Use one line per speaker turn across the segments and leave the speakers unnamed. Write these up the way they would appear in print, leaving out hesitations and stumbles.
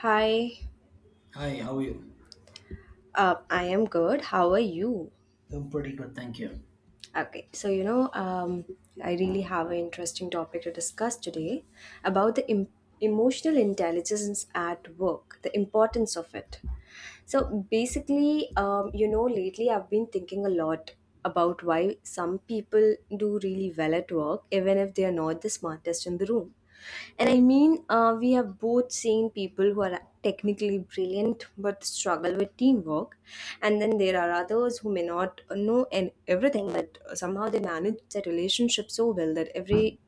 Hi,
Hi, how are you?
I am good. How are you?
I'm pretty good, thank you.
Okay, so I really have an interesting topic to discuss today about the emotional intelligence at work, the importance of it. So basically, lately I've been thinking a lot about why some people do really well at work, even if they are not the smartest in the room. And I mean, we have both seen people who are technically brilliant but struggle with teamwork, and then there are others who may not know and everything, but somehow they manage the relationship so well that every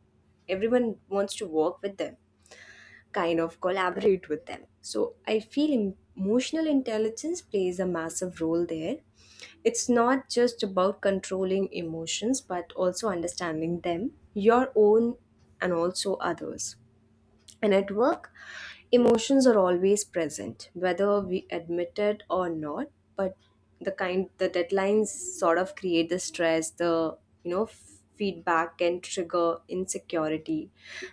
everyone wants to work with them, kind of collaborate with them. So I feel emotional intelligence plays a massive role there. It's not just about controlling emotions but also understanding them, your own and also others. And at work, emotions are always present, whether we admit it or not. But the deadlines sort of create the stress, the, you know, f- feedback can trigger insecurity.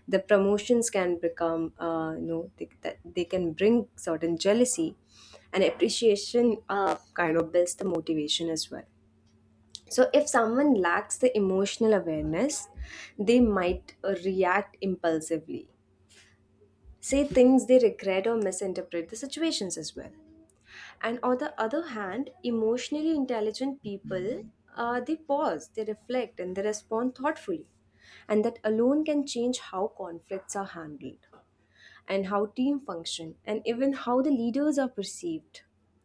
The promotions can become, that they can bring certain jealousy. And appreciation, kind of builds the motivation as well. So, if someone lacks the emotional awareness, they might, react impulsively, say things they regret, or misinterpret the situations as well. And on the other hand, emotionally intelligent people, they pause, they reflect, and they respond thoughtfully. And that alone can change how conflicts are handled, and how team function, and even how the leaders are perceived.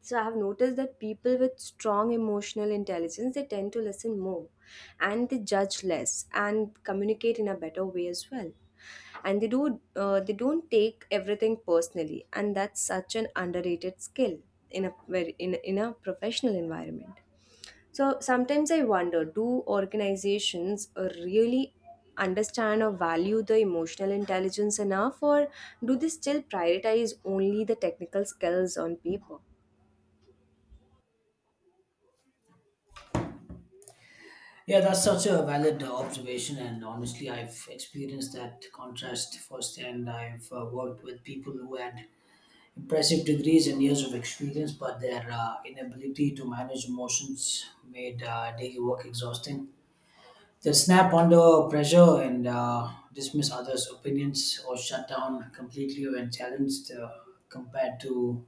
So I have noticed that people with strong emotional intelligence, they tend to listen more, and they judge less, and communicate in a better way as well. And they don't take everything personally, and that's such an underrated skill in a very in a professional environment. So sometimes I wonder, do organizations really understand or value the emotional intelligence enough, or do they still prioritize only the technical skills on paper?
Yeah, that's such a valid observation, and honestly, I've experienced that contrast firsthand. I've worked with people who had impressive degrees and years of experience, but their inability to manage emotions made daily work exhausting. They'll snap under pressure and dismiss others' opinions or shut down completely when challenged, compared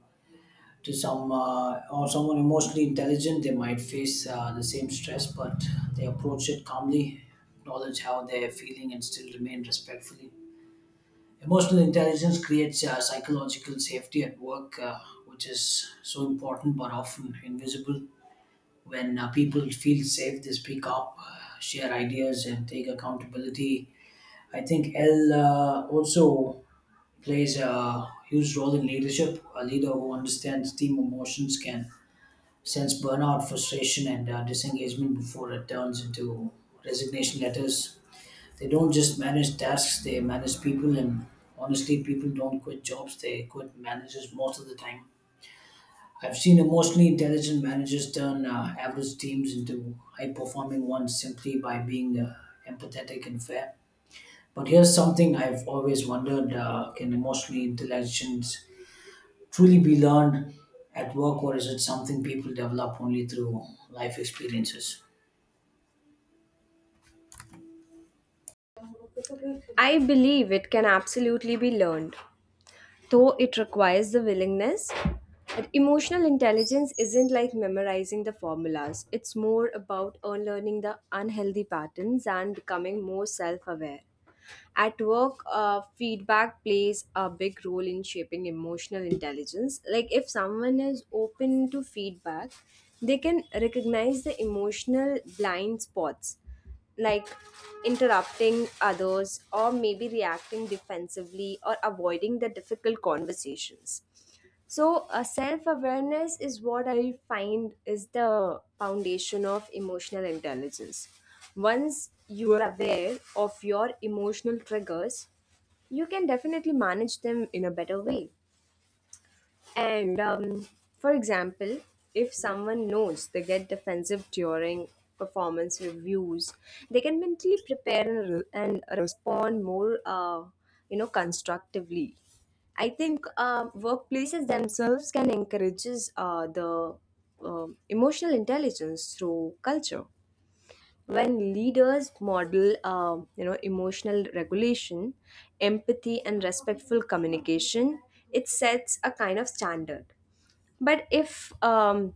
to some or someone emotionally intelligent, they might face the same stress, but they approach it calmly, acknowledge how they're feeling, and still remain respectfully. Emotional intelligence creates psychological safety at work, which is so important but often invisible. When people feel safe, they speak up, share ideas, and take accountability. I think l also plays a huge role in leadership. A leader who understands team emotions can sense burnout, frustration, and disengagement before it turns into resignation letters. They don't just manage tasks, they manage people, and honestly, people don't quit jobs, they quit managers most of the time. I've seen emotionally intelligent managers turn average teams into high performing ones simply by being empathetic and fair. But here's something I've always wondered, can emotionally intelligent truly be learned at work, or is it something people develop only through life experiences?
I believe it can absolutely be learned, though it requires the willingness. But emotional intelligence isn't like memorizing the formulas, it's more about unlearning the unhealthy patterns and becoming more self aware. At work, feedback plays a big role in shaping emotional intelligence. Like, if someone is open to feedback, they can recognize the emotional blind spots, like interrupting others, or maybe reacting defensively, or avoiding the difficult conversations. So, self-awareness is what I find is the foundation of emotional intelligence. Once you are aware of your emotional triggers, you can definitely manage them in a better way. And, for example, if someone knows they get defensive during performance reviews, they can mentally prepare and and respond more, constructively. I think, workplaces themselves can encourage, the emotional intelligence through culture. When leaders model, emotional regulation, empathy, and respectful communication, it sets a kind of standard. But if,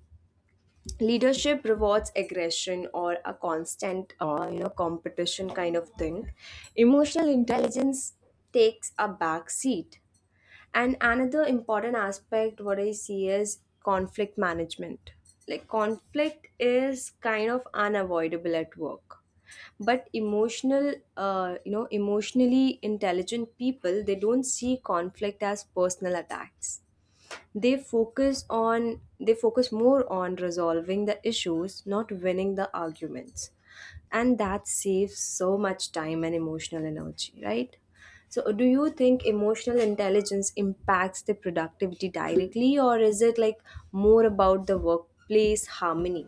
leadership rewards aggression or a constant, competition kind of thing, emotional intelligence takes a back seat. And another important aspect what I see is conflict management. Like, conflict is kind of unavoidable at work, but emotionally intelligent people, they don't see conflict as personal attacks. They focus on they focus more on resolving the issues, not winning the arguments. And that saves so much time and emotional energy, right? So, do you think emotional intelligence impacts the productivity directly, or is it like more about the workplace harmony?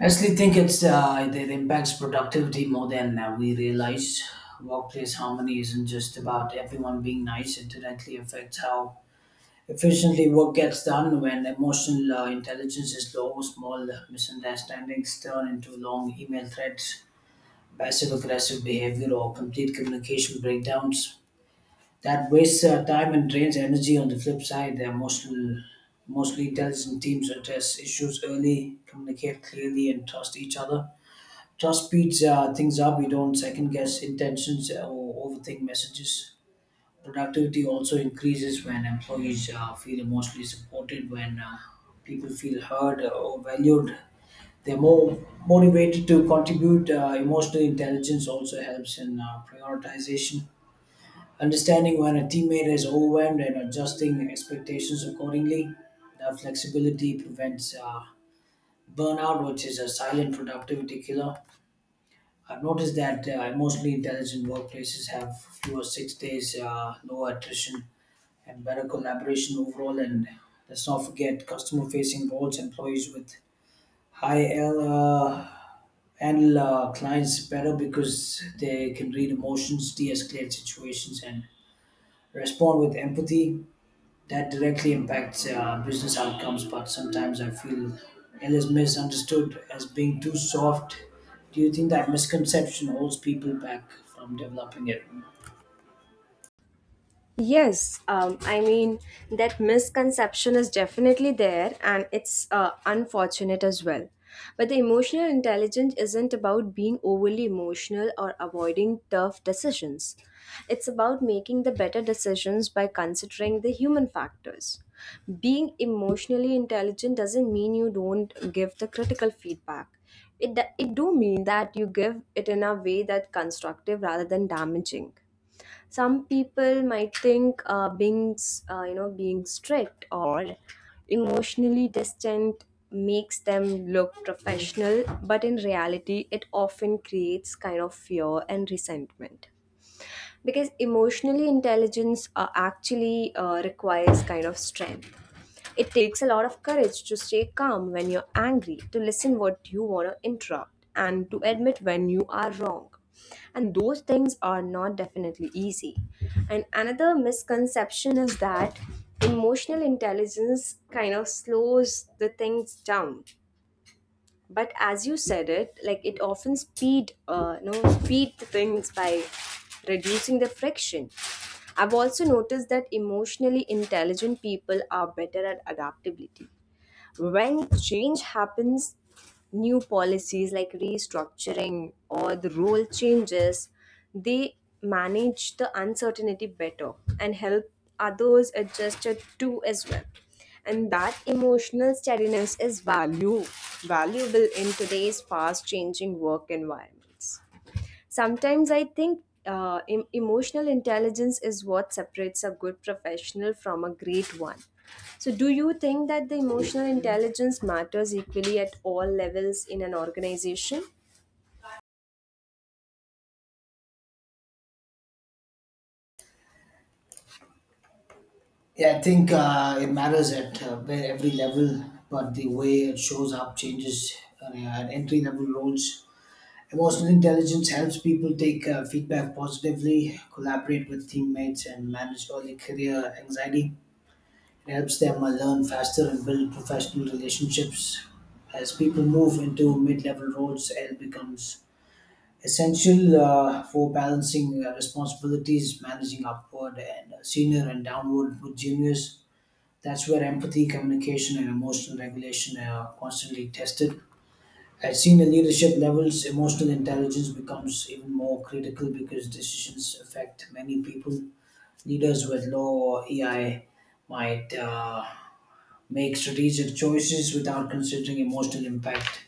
I actually think it impacts productivity more than we realize. Workplace harmony isn't just about everyone being nice; it directly affects how efficiently work gets done. When emotional intelligence is low, small misunderstandings turn into long email threads, passive aggressive behavior, or complete communication breakdowns. That wastes time and drains energy. On the flip side, mostly intelligent teams address issues early, communicate clearly, and trust each other. Trust speeds things up. We don't second guess intentions or overthink messages. Productivity also increases when employees feel emotionally supported, when people feel heard or valued. They're more motivated to contribute. Emotional intelligence also helps in prioritization. Understanding when a teammate is overwhelmed and adjusting expectations accordingly. That flexibility prevents burnout, which is a silent productivity killer. I've noticed that emotionally intelligent workplaces have fewer 6 days, lower attrition, and better collaboration overall. And let's not forget customer facing roles. Employees with high L handle clients better because they can read emotions, de escalate situations, and respond with empathy. That directly impacts business outcomes, but sometimes I feel it is misunderstood as being too soft. Do you think that misconception holds people back from developing it?
Yes, I mean, that misconception is definitely there, and it's, unfortunate as well. But the emotional intelligence isn't about being overly emotional or avoiding tough decisions. It's about making the better decisions by considering the human factors. Being emotionally intelligent doesn't mean you don't give the critical feedback. It do mean that you give it in a way that's constructive rather than damaging. Some people might think, being s- you know being strict or emotionally distant makes them look professional, but in reality it often creates kind of fear and resentment. Because emotionally intelligence, actually requires kind of strength. It takes a lot of courage to stay calm when you're angry, to listen what you want to interrupt, and to admit when you are wrong. And those things are not definitely easy. And another misconception is that emotional intelligence kind of slows the things down, but as you said it, like, it often speed you know speed the things by reducing the friction. I've also noticed that emotionally intelligent people are better at adaptability. When change happens, new policies like restructuring or the role changes, they manage the uncertainty better, and help others adjust it too as well. And that emotional steadiness is value valuable in today's fast changing work environments. Sometimes I think, emotional intelligence is what separates a good professional from a great one. So, do you think that the emotional intelligence matters equally at all levels in an organization?
Yeah, I think it matters at where every level, but the way it shows up changes uh, at entry level roles. Emotional intelligence helps people take feedback positively, collaborate with teammates, and manage early career anxiety. It helps them learn faster and build professional relationships. As people move into mid level roles, L becomes essential for balancing responsibilities, managing upward and senior and downward with juniors. That's where empathy, communication, and emotional regulation are constantly tested. At senior leadership levels, emotional intelligence becomes even more critical because decisions affect many people. Leaders with low EI might make strategic choices without considering emotional impact,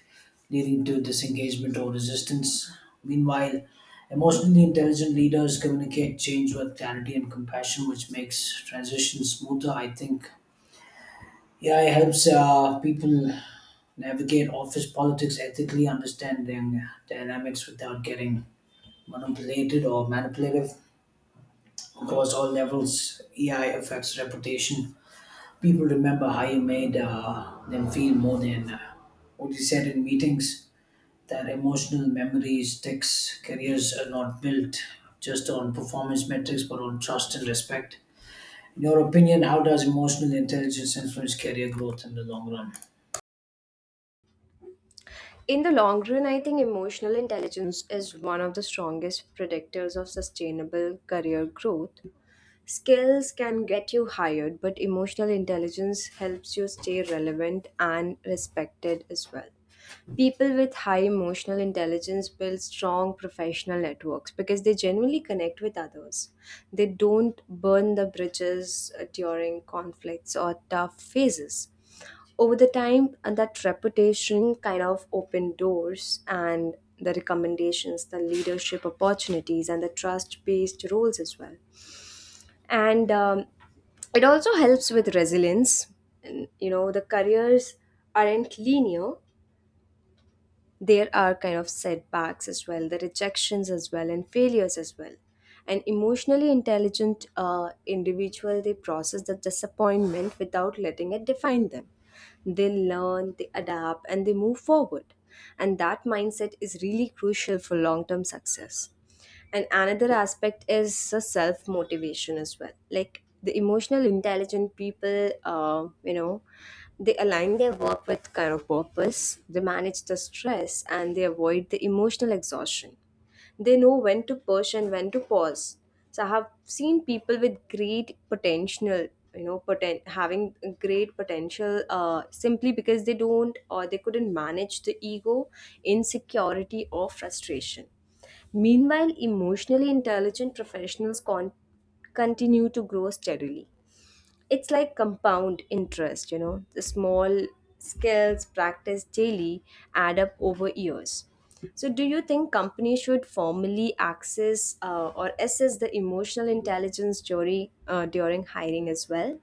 leading to disengagement or resistance. Meanwhile, emotionally intelligent leaders communicate change with clarity and compassion, which makes transition smoother, I think. AI helps people navigate office politics ethically, understanding dynamics without getting manipulated or manipulative across all levels. AI affects reputation. People remember how you made them feel more than what you said in meetings. That emotional memory sticks. Careers are not built just on performance metrics, but on trust and respect. In your opinion, how does emotional intelligence influence career growth in the long run?
In the long run, I think emotional intelligence is one of the strongest predictors of sustainable career growth. Skills can get you hired, but emotional intelligence helps you stay relevant and respected as well. People with high emotional intelligence build strong professional networks because they genuinely connect with others. They don't burn the bridges, during conflicts or tough phases. Over the time, that reputation kind of opened doors, and the recommendations, the leadership opportunities, and the trust based roles as well. And, it also helps with resilience. And, you know, the careers aren't linear. There are kind of setbacks as well, the rejections as well, and failures as well. An emotionally intelligent, individual, they process the disappointment without letting it define them. They learn, they adapt, and they move forward. And that mindset is really crucial for long term success. And another aspect is self motivation as well. Like, the emotional intelligent people, you know they align their work with kind of purpose. They manage the stress, and they avoid the emotional exhaustion. They know when to push and when to pause. So I have seen people with great potential, having great potential, simply because they don't, or they couldn't, manage the ego, insecurity, or frustration. Meanwhile, emotionally intelligent professionals continue to grow steadily. It's like compound interest, you know, the small skills practiced daily add up over years. So, do you think companies should formally access, or assess the emotional intelligence jury, during hiring as well?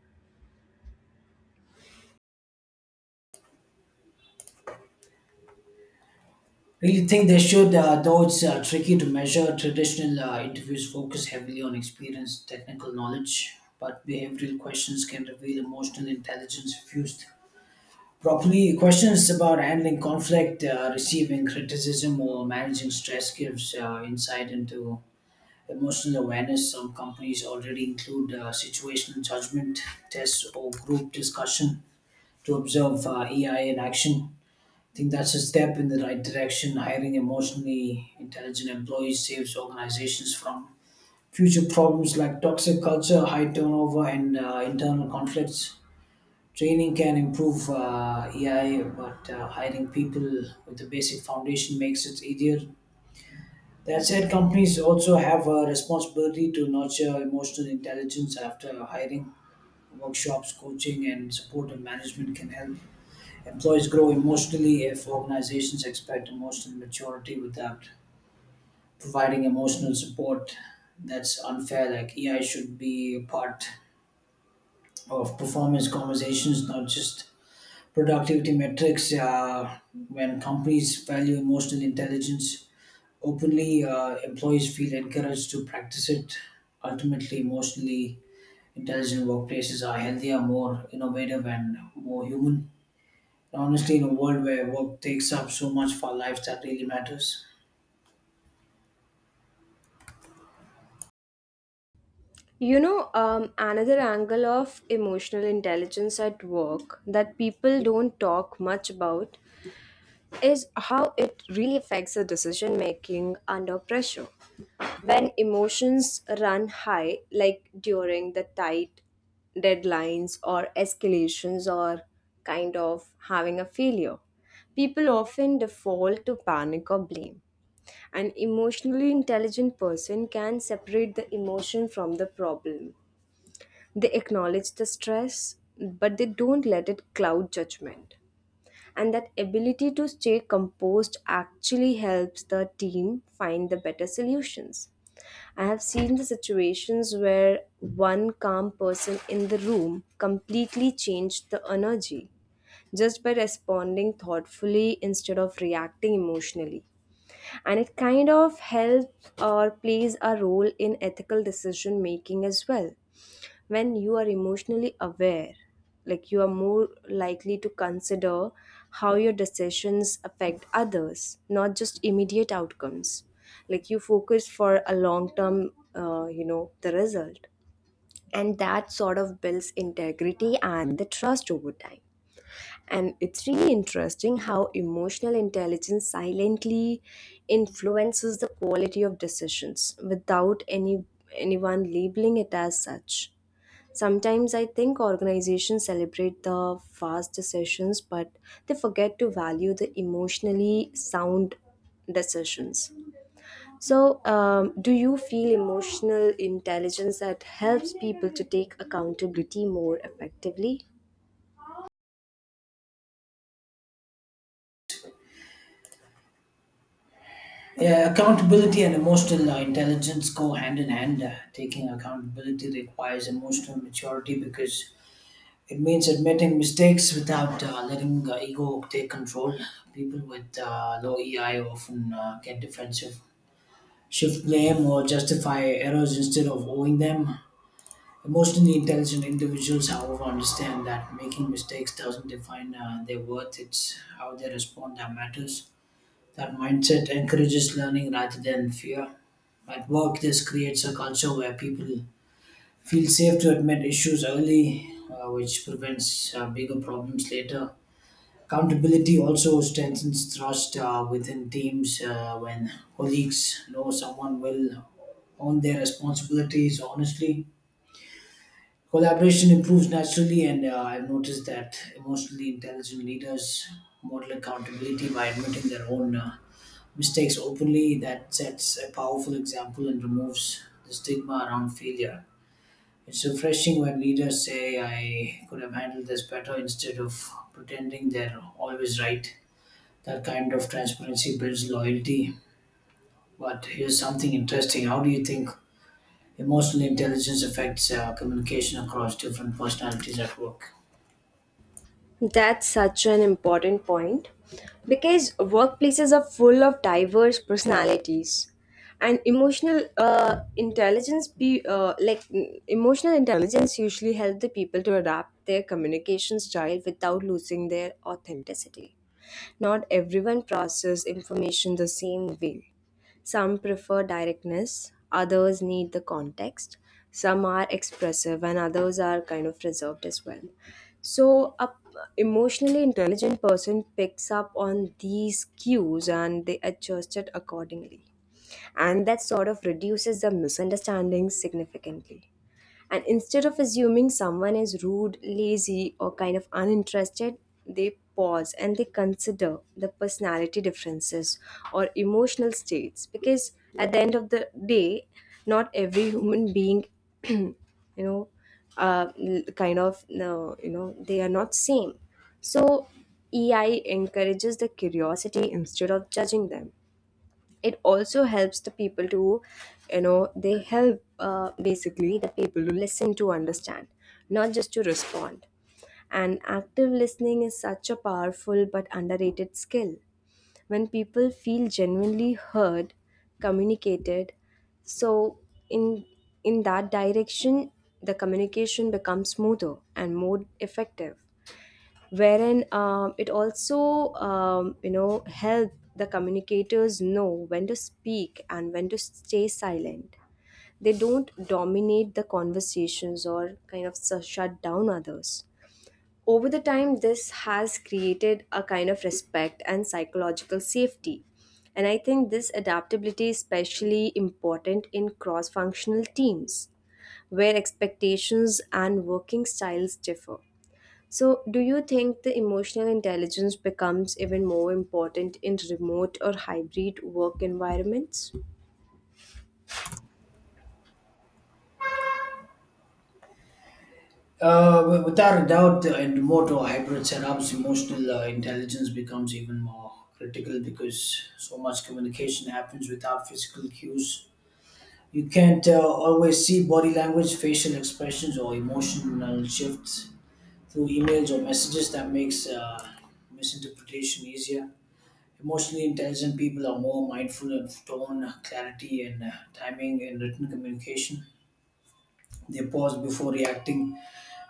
Really think they should, though it's tricky to measure. Traditional interviews focus heavily on experience, technical knowledge, but behavioral questions can reveal emotional intelligence if used properly. Questions about handling conflict, receiving criticism, or managing stress gives insight into emotional awareness. Some companies already include situational judgment tests or group discussion to observe EI in action. I think that's a step in the right direction. Hiring emotionally intelligent employees saves organizations from future problems like toxic culture, high turnover, and internal conflicts. Training can improve AI, but hiring people with the basic foundation makes it easier. That said, companies also have a responsibility to nurture emotional intelligence after hiring. Workshops, coaching, and supportive management can help employees grow emotionally if organizations expect emotional maturity without providing emotional support. That's unfair. Like, AI should be a part of performance conversations, not just productivity metrics. When companies value emotional intelligence openly, employees feel encouraged to practice it. Ultimately, emotionally intelligent workplaces are healthier, more innovative, and more human. Honestly, in a world where work takes up so much of our lives, that really matters.
You know, another angle of emotional intelligence at work that people don't talk much about is how it really affects the decision making under pressure. When emotions run high, like during the tight deadlines or escalations, or kind of having a failure, people often default to panic or blame. An emotionally intelligent person can separate the emotion from the problem. They acknowledge the stress, but they don't let it cloud judgment, and that ability to stay composed actually helps the team find the better solutions. I have seen the situations where one calm person in the room completely changed the energy just by responding thoughtfully instead of reacting emotionally. And it kind of helps or plays a role in ethical decision making as well. When you are emotionally aware, like, you are more likely to consider how your decisions affect others, not just immediate outcomes. Like, you focus for a long term, the result. And that sort of builds integrity and the trust over time. And it's really interesting how emotional intelligence silently influences the quality of decisions without anyone labeling it as such. Sometimes I think organizations celebrate the fast decisions, but they forget to value the emotionally sound decisions. So, do you feel emotional intelligence that helps people to take accountability more effectively?
Yeah, accountability and emotional intelligence go hand in hand. Taking accountability requires emotional maturity because it means admitting mistakes without letting ego take control. People with low EI often get defensive, shift blame, or justify errors instead of owing them. Emotionally intelligent individuals, however, understand that making mistakes doesn't define their worth, it's how they respond that matters. That mindset encourages learning rather than fear. At work, this creates a culture where people feel safe to admit issues early, which prevents bigger problems later. Accountability also strengthens trust within teams when colleagues know someone will own their responsibilities honestly. Collaboration improves naturally, and I've noticed that emotionally intelligent leaders model accountability by admitting their own mistakes openly. That sets a powerful example and removes the stigma around failure. It's refreshing when leaders say, I could have handled this better, instead of pretending they're always right. That kind of transparency builds loyalty. But here's something interesting. How do you think emotional intelligence affects communication across different personalities at work?
That's such an important point because workplaces are full of diverse personalities, and emotional intelligence be like mm, emotional intelligence usually help the people to adapt their communication style without losing their authenticity. Not everyone processes information the same way. Some prefer directness, others need the context, some are expressive, and others are kind of reserved as well. So, emotionally intelligent person picks up on these cues and they adjust it accordingly. And that sort of reduces the misunderstandings significantly. And instead of assuming someone is rude, lazy, or kind of uninterested, they pause and they consider the personality differences or emotional states. Because at the end of the day, not every human being, you know, they are not same. So EI encourages the curiosity instead of judging them. It also helps the people to you know they help basically the people to listen to understand, not just to respond. And active listening is such a powerful but underrated skill. When people feel genuinely heard, communicated, so in in that direction the communication becomes smoother and more effective, wherein it also help the communicators know when to speak and when to stay silent. They don't dominate the conversations or shut down others. Over the time this has created a kind of respect and psychological safety. And I think this adaptability is especially important in cross functional teams where expectations and working styles differ. So, do you think the emotional intelligence becomes even more important in remote or hybrid work environments?
Without a doubt, in remote or hybrid setups, emotional intelligence becomes even more critical because so much communication happens without physical cues. You can't always see body language, facial expressions, or emotional shifts through emails or messages. That makes misinterpretation easier. Emotionally intelligent people are more mindful of tone, clarity, and timing in written communication. They pause before reacting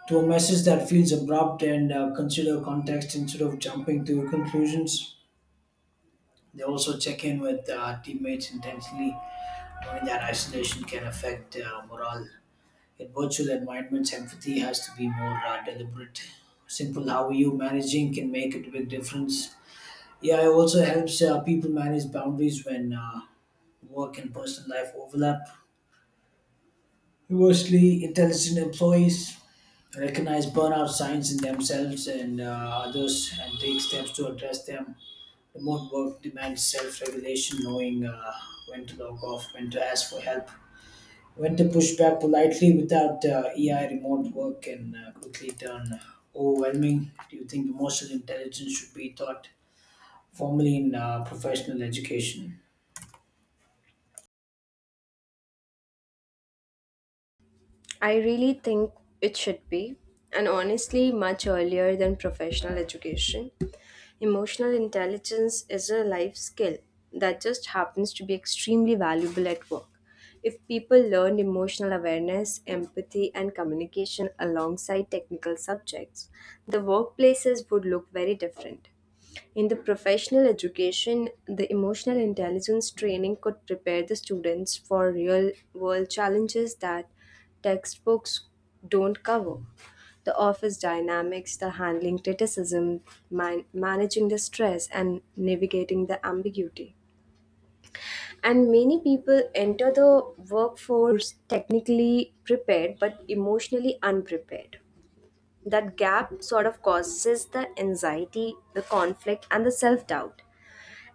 to a message that feels abrupt, and consider context instead of jumping to conclusions. They also check in with teammates intentionally, knowing that isolation can affect morale. In virtual environments, empathy has to be more deliberate. Simple how are you managing can make a big difference. AI also helps people manage boundaries when work and personal life overlap. Conversely, intelligent employees recognize burnout signs in themselves and others, and take steps to address them. Remote work demands self regulation, knowing when to log off, when to ask for help, when to push back politely. Without AI, remote work can quickly turn overwhelming. Do you think emotional intelligence should be taught formally in professional education?
I really think it should be, and honestly, much earlier than professional education. Emotional intelligence is a life skill that just happens to be extremely valuable at work. If people learned emotional awareness, empathy, and communication alongside technical subjects, the workplaces would look very different. In the professional education, the emotional intelligence training could prepare the students for real world challenges that textbooks don't cover. The office dynamics, the handling criticism, managing the stress, and navigating the ambiguity. And many people enter the workforce technically prepared but emotionally unprepared. That gap sort of causes the anxiety, the conflict, and the self doubt.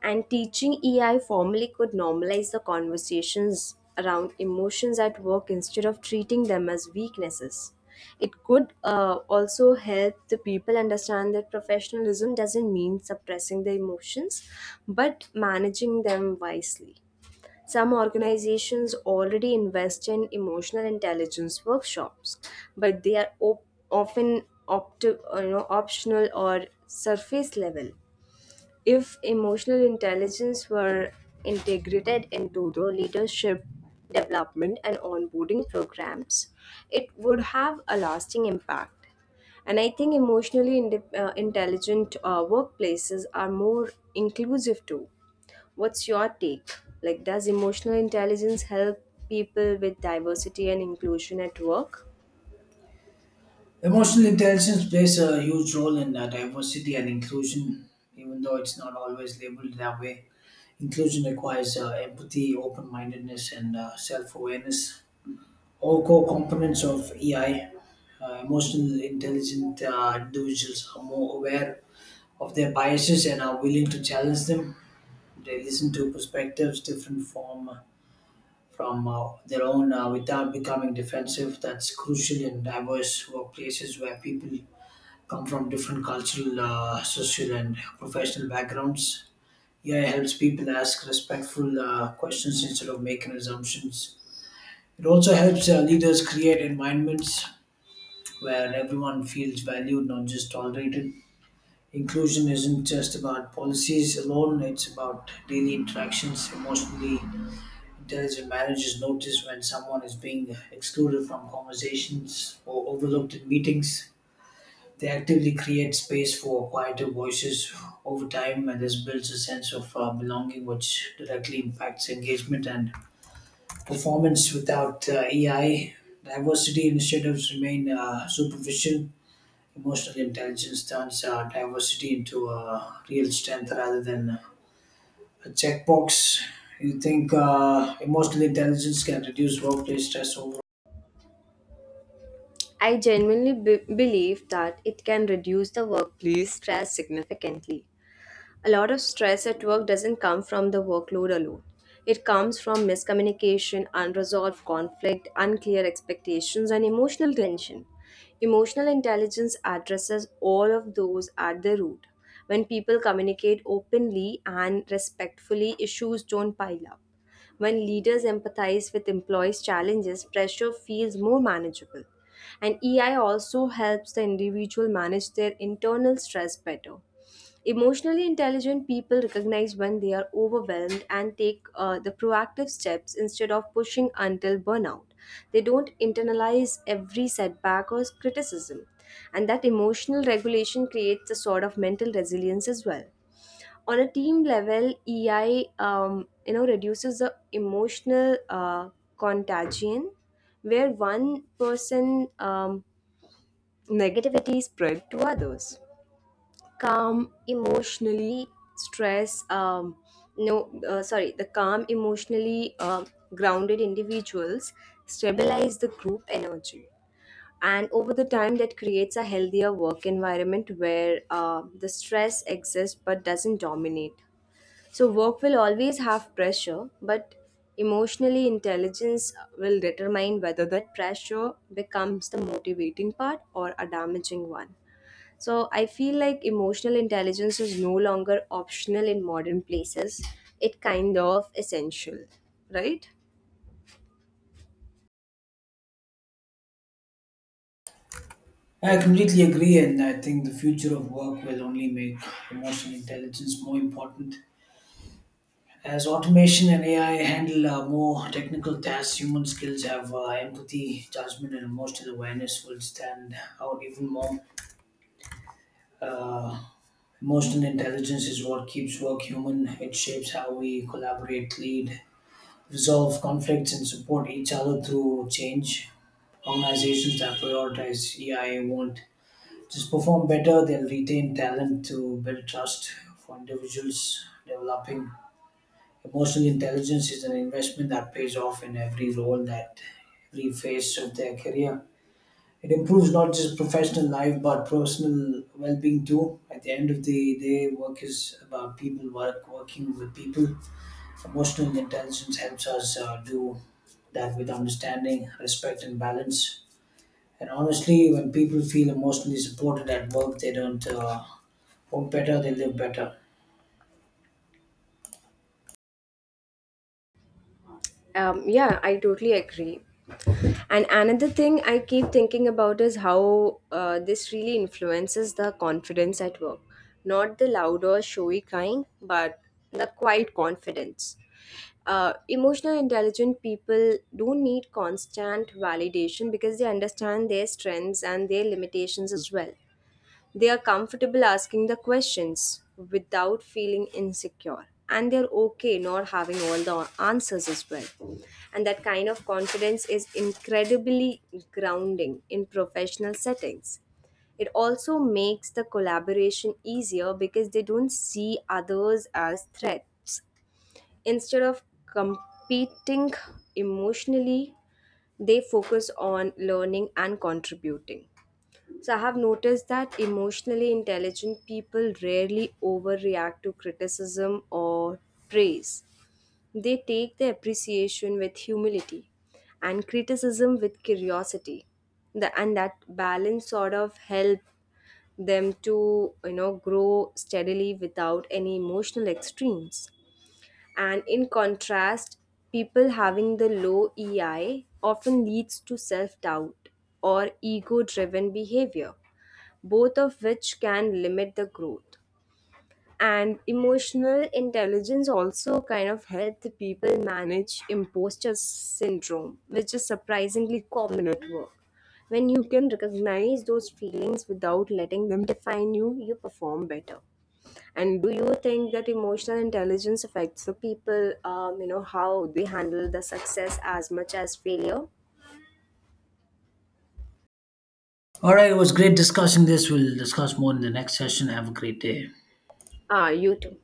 And teaching EI formally could normalize the conversations around emotions at work instead of treating them as weaknesses. It could also help the people understand that professionalism doesn't mean suppressing the emotions, but managing them wisely. Some organizations already invest in emotional intelligence workshops, but they are often optional or surface level. If emotional intelligence were integrated into the leadership development and onboarding programs, it would have a lasting impact. And I think emotionally intelligent workplaces are more inclusive too. What's your take? Like, does emotional intelligence help people with diversity and inclusion at work?
Emotional intelligence plays a huge role in diversity and inclusion, even though it's not always labeled that way. Inclusion requires empathy, open mindedness, and self awareness, all core components of EI. Emotional intelligent individuals are more aware of their biases and are willing to challenge them. They listen to perspectives different from their own without becoming defensive. That's crucial in diverse workplaces where people come from different cultural, social, and professional backgrounds. Yeah, it helps people ask respectful questions instead of making assumptions. It also helps leaders create environments where everyone feels valued, not just tolerated. Inclusion isn't just about policies alone, it's about daily interactions. Emotionally intelligent managers notice when someone is being excluded from conversations or overlooked in meetings. They actively create space for quieter voices over time, and this builds a sense of belonging, which directly impacts engagement and performance. Without EI, diversity initiatives remain superficial. Emotional intelligence turns diversity into a real strength rather than a checkbox. You think emotional intelligence can reduce workplace stress overall?
I genuinely believe that it can reduce the workplace stress significantly. A lot of stress at work doesn't come from the workload alone. It comes from miscommunication, unresolved conflict, unclear expectations, and emotional tension. Emotional intelligence addresses all of those at the root. When people communicate openly and respectfully, issues don't pile up. When leaders empathize with employees' challenges, pressure feels more manageable. And EI also helps the individual manage their internal stress better. Emotionally intelligent people recognize when they are overwhelmed and take the proactive steps instead of pushing until burnout. They don't internalize every setback or criticism, and that emotional regulation creates a sort of mental resilience as well. On a team level, EI reduces the emotional contagion where one person negativity is spread to others. Calm emotionally stress no sorry the calm emotionally grounded individuals stabilize the group energy, and over the time that creates a healthier work environment where the stress exists but doesn't dominate. So work will always have pressure, but emotionally intelligence will determine whether that pressure becomes the motivating part or a damaging one. So I feel like emotional intelligence is no longer optional in modern places. It kind of essential, right?
I completely agree, and I think the future of work will only make emotional intelligence more important. As automation and AI handle more technical tasks, human skills have empathy, judgment, and emotional awareness will stand out even more. Uh, Emotional intelligence is what keeps work human. It shapes how we collaborate, lead, resolve conflicts, and support each other through change. Organizations that prioritize EI won't just perform better, they'll retain talent to build trust for individuals developing. Emotional intelligence is an investment that pays off in every role, that every phase of their career. It improves not just professional life but personal well being too. At the end of the day, work is about people, work, working with people. Emotional intelligence helps us do that with understanding, respect, and balance. And honestly, when people feel emotionally supported at work, they don't work better, they live better.
Yeah, I totally agree. And another thing I keep thinking about is how this really influences the confidence at work. Not the loud or showy kind, but the quiet confidence. Emotional intelligent people don't need constant validation because they understand their strengths and their limitations as well. They are comfortable asking the questions without feeling insecure. And they're okay not having all the answers as well. And that kind of confidence is incredibly grounding in professional settings. It also makes the collaboration easier because they don't see others as threats. Instead of competing emotionally, they focus on learning and contributing. So I have noticed that emotionally intelligent people rarely overreact to criticism or praise. They take the appreciation with humility and criticism with curiosity. And that balance sort of help them to grow steadily without any emotional extremes. And in contrast, people having the low EI often leads to self-doubt or ego-driven behavior, both of which can limit the growth. And emotional intelligence also kind of helps people manage imposter syndrome, which is surprisingly common at work. When you can recognize those feelings without letting them define you, you perform better. And do you think that emotional intelligence affects the people, how they handle the success as much as failure?
All right, it was great discussing this. We'll discuss more in the next session. Have a great day.
Ah, you too.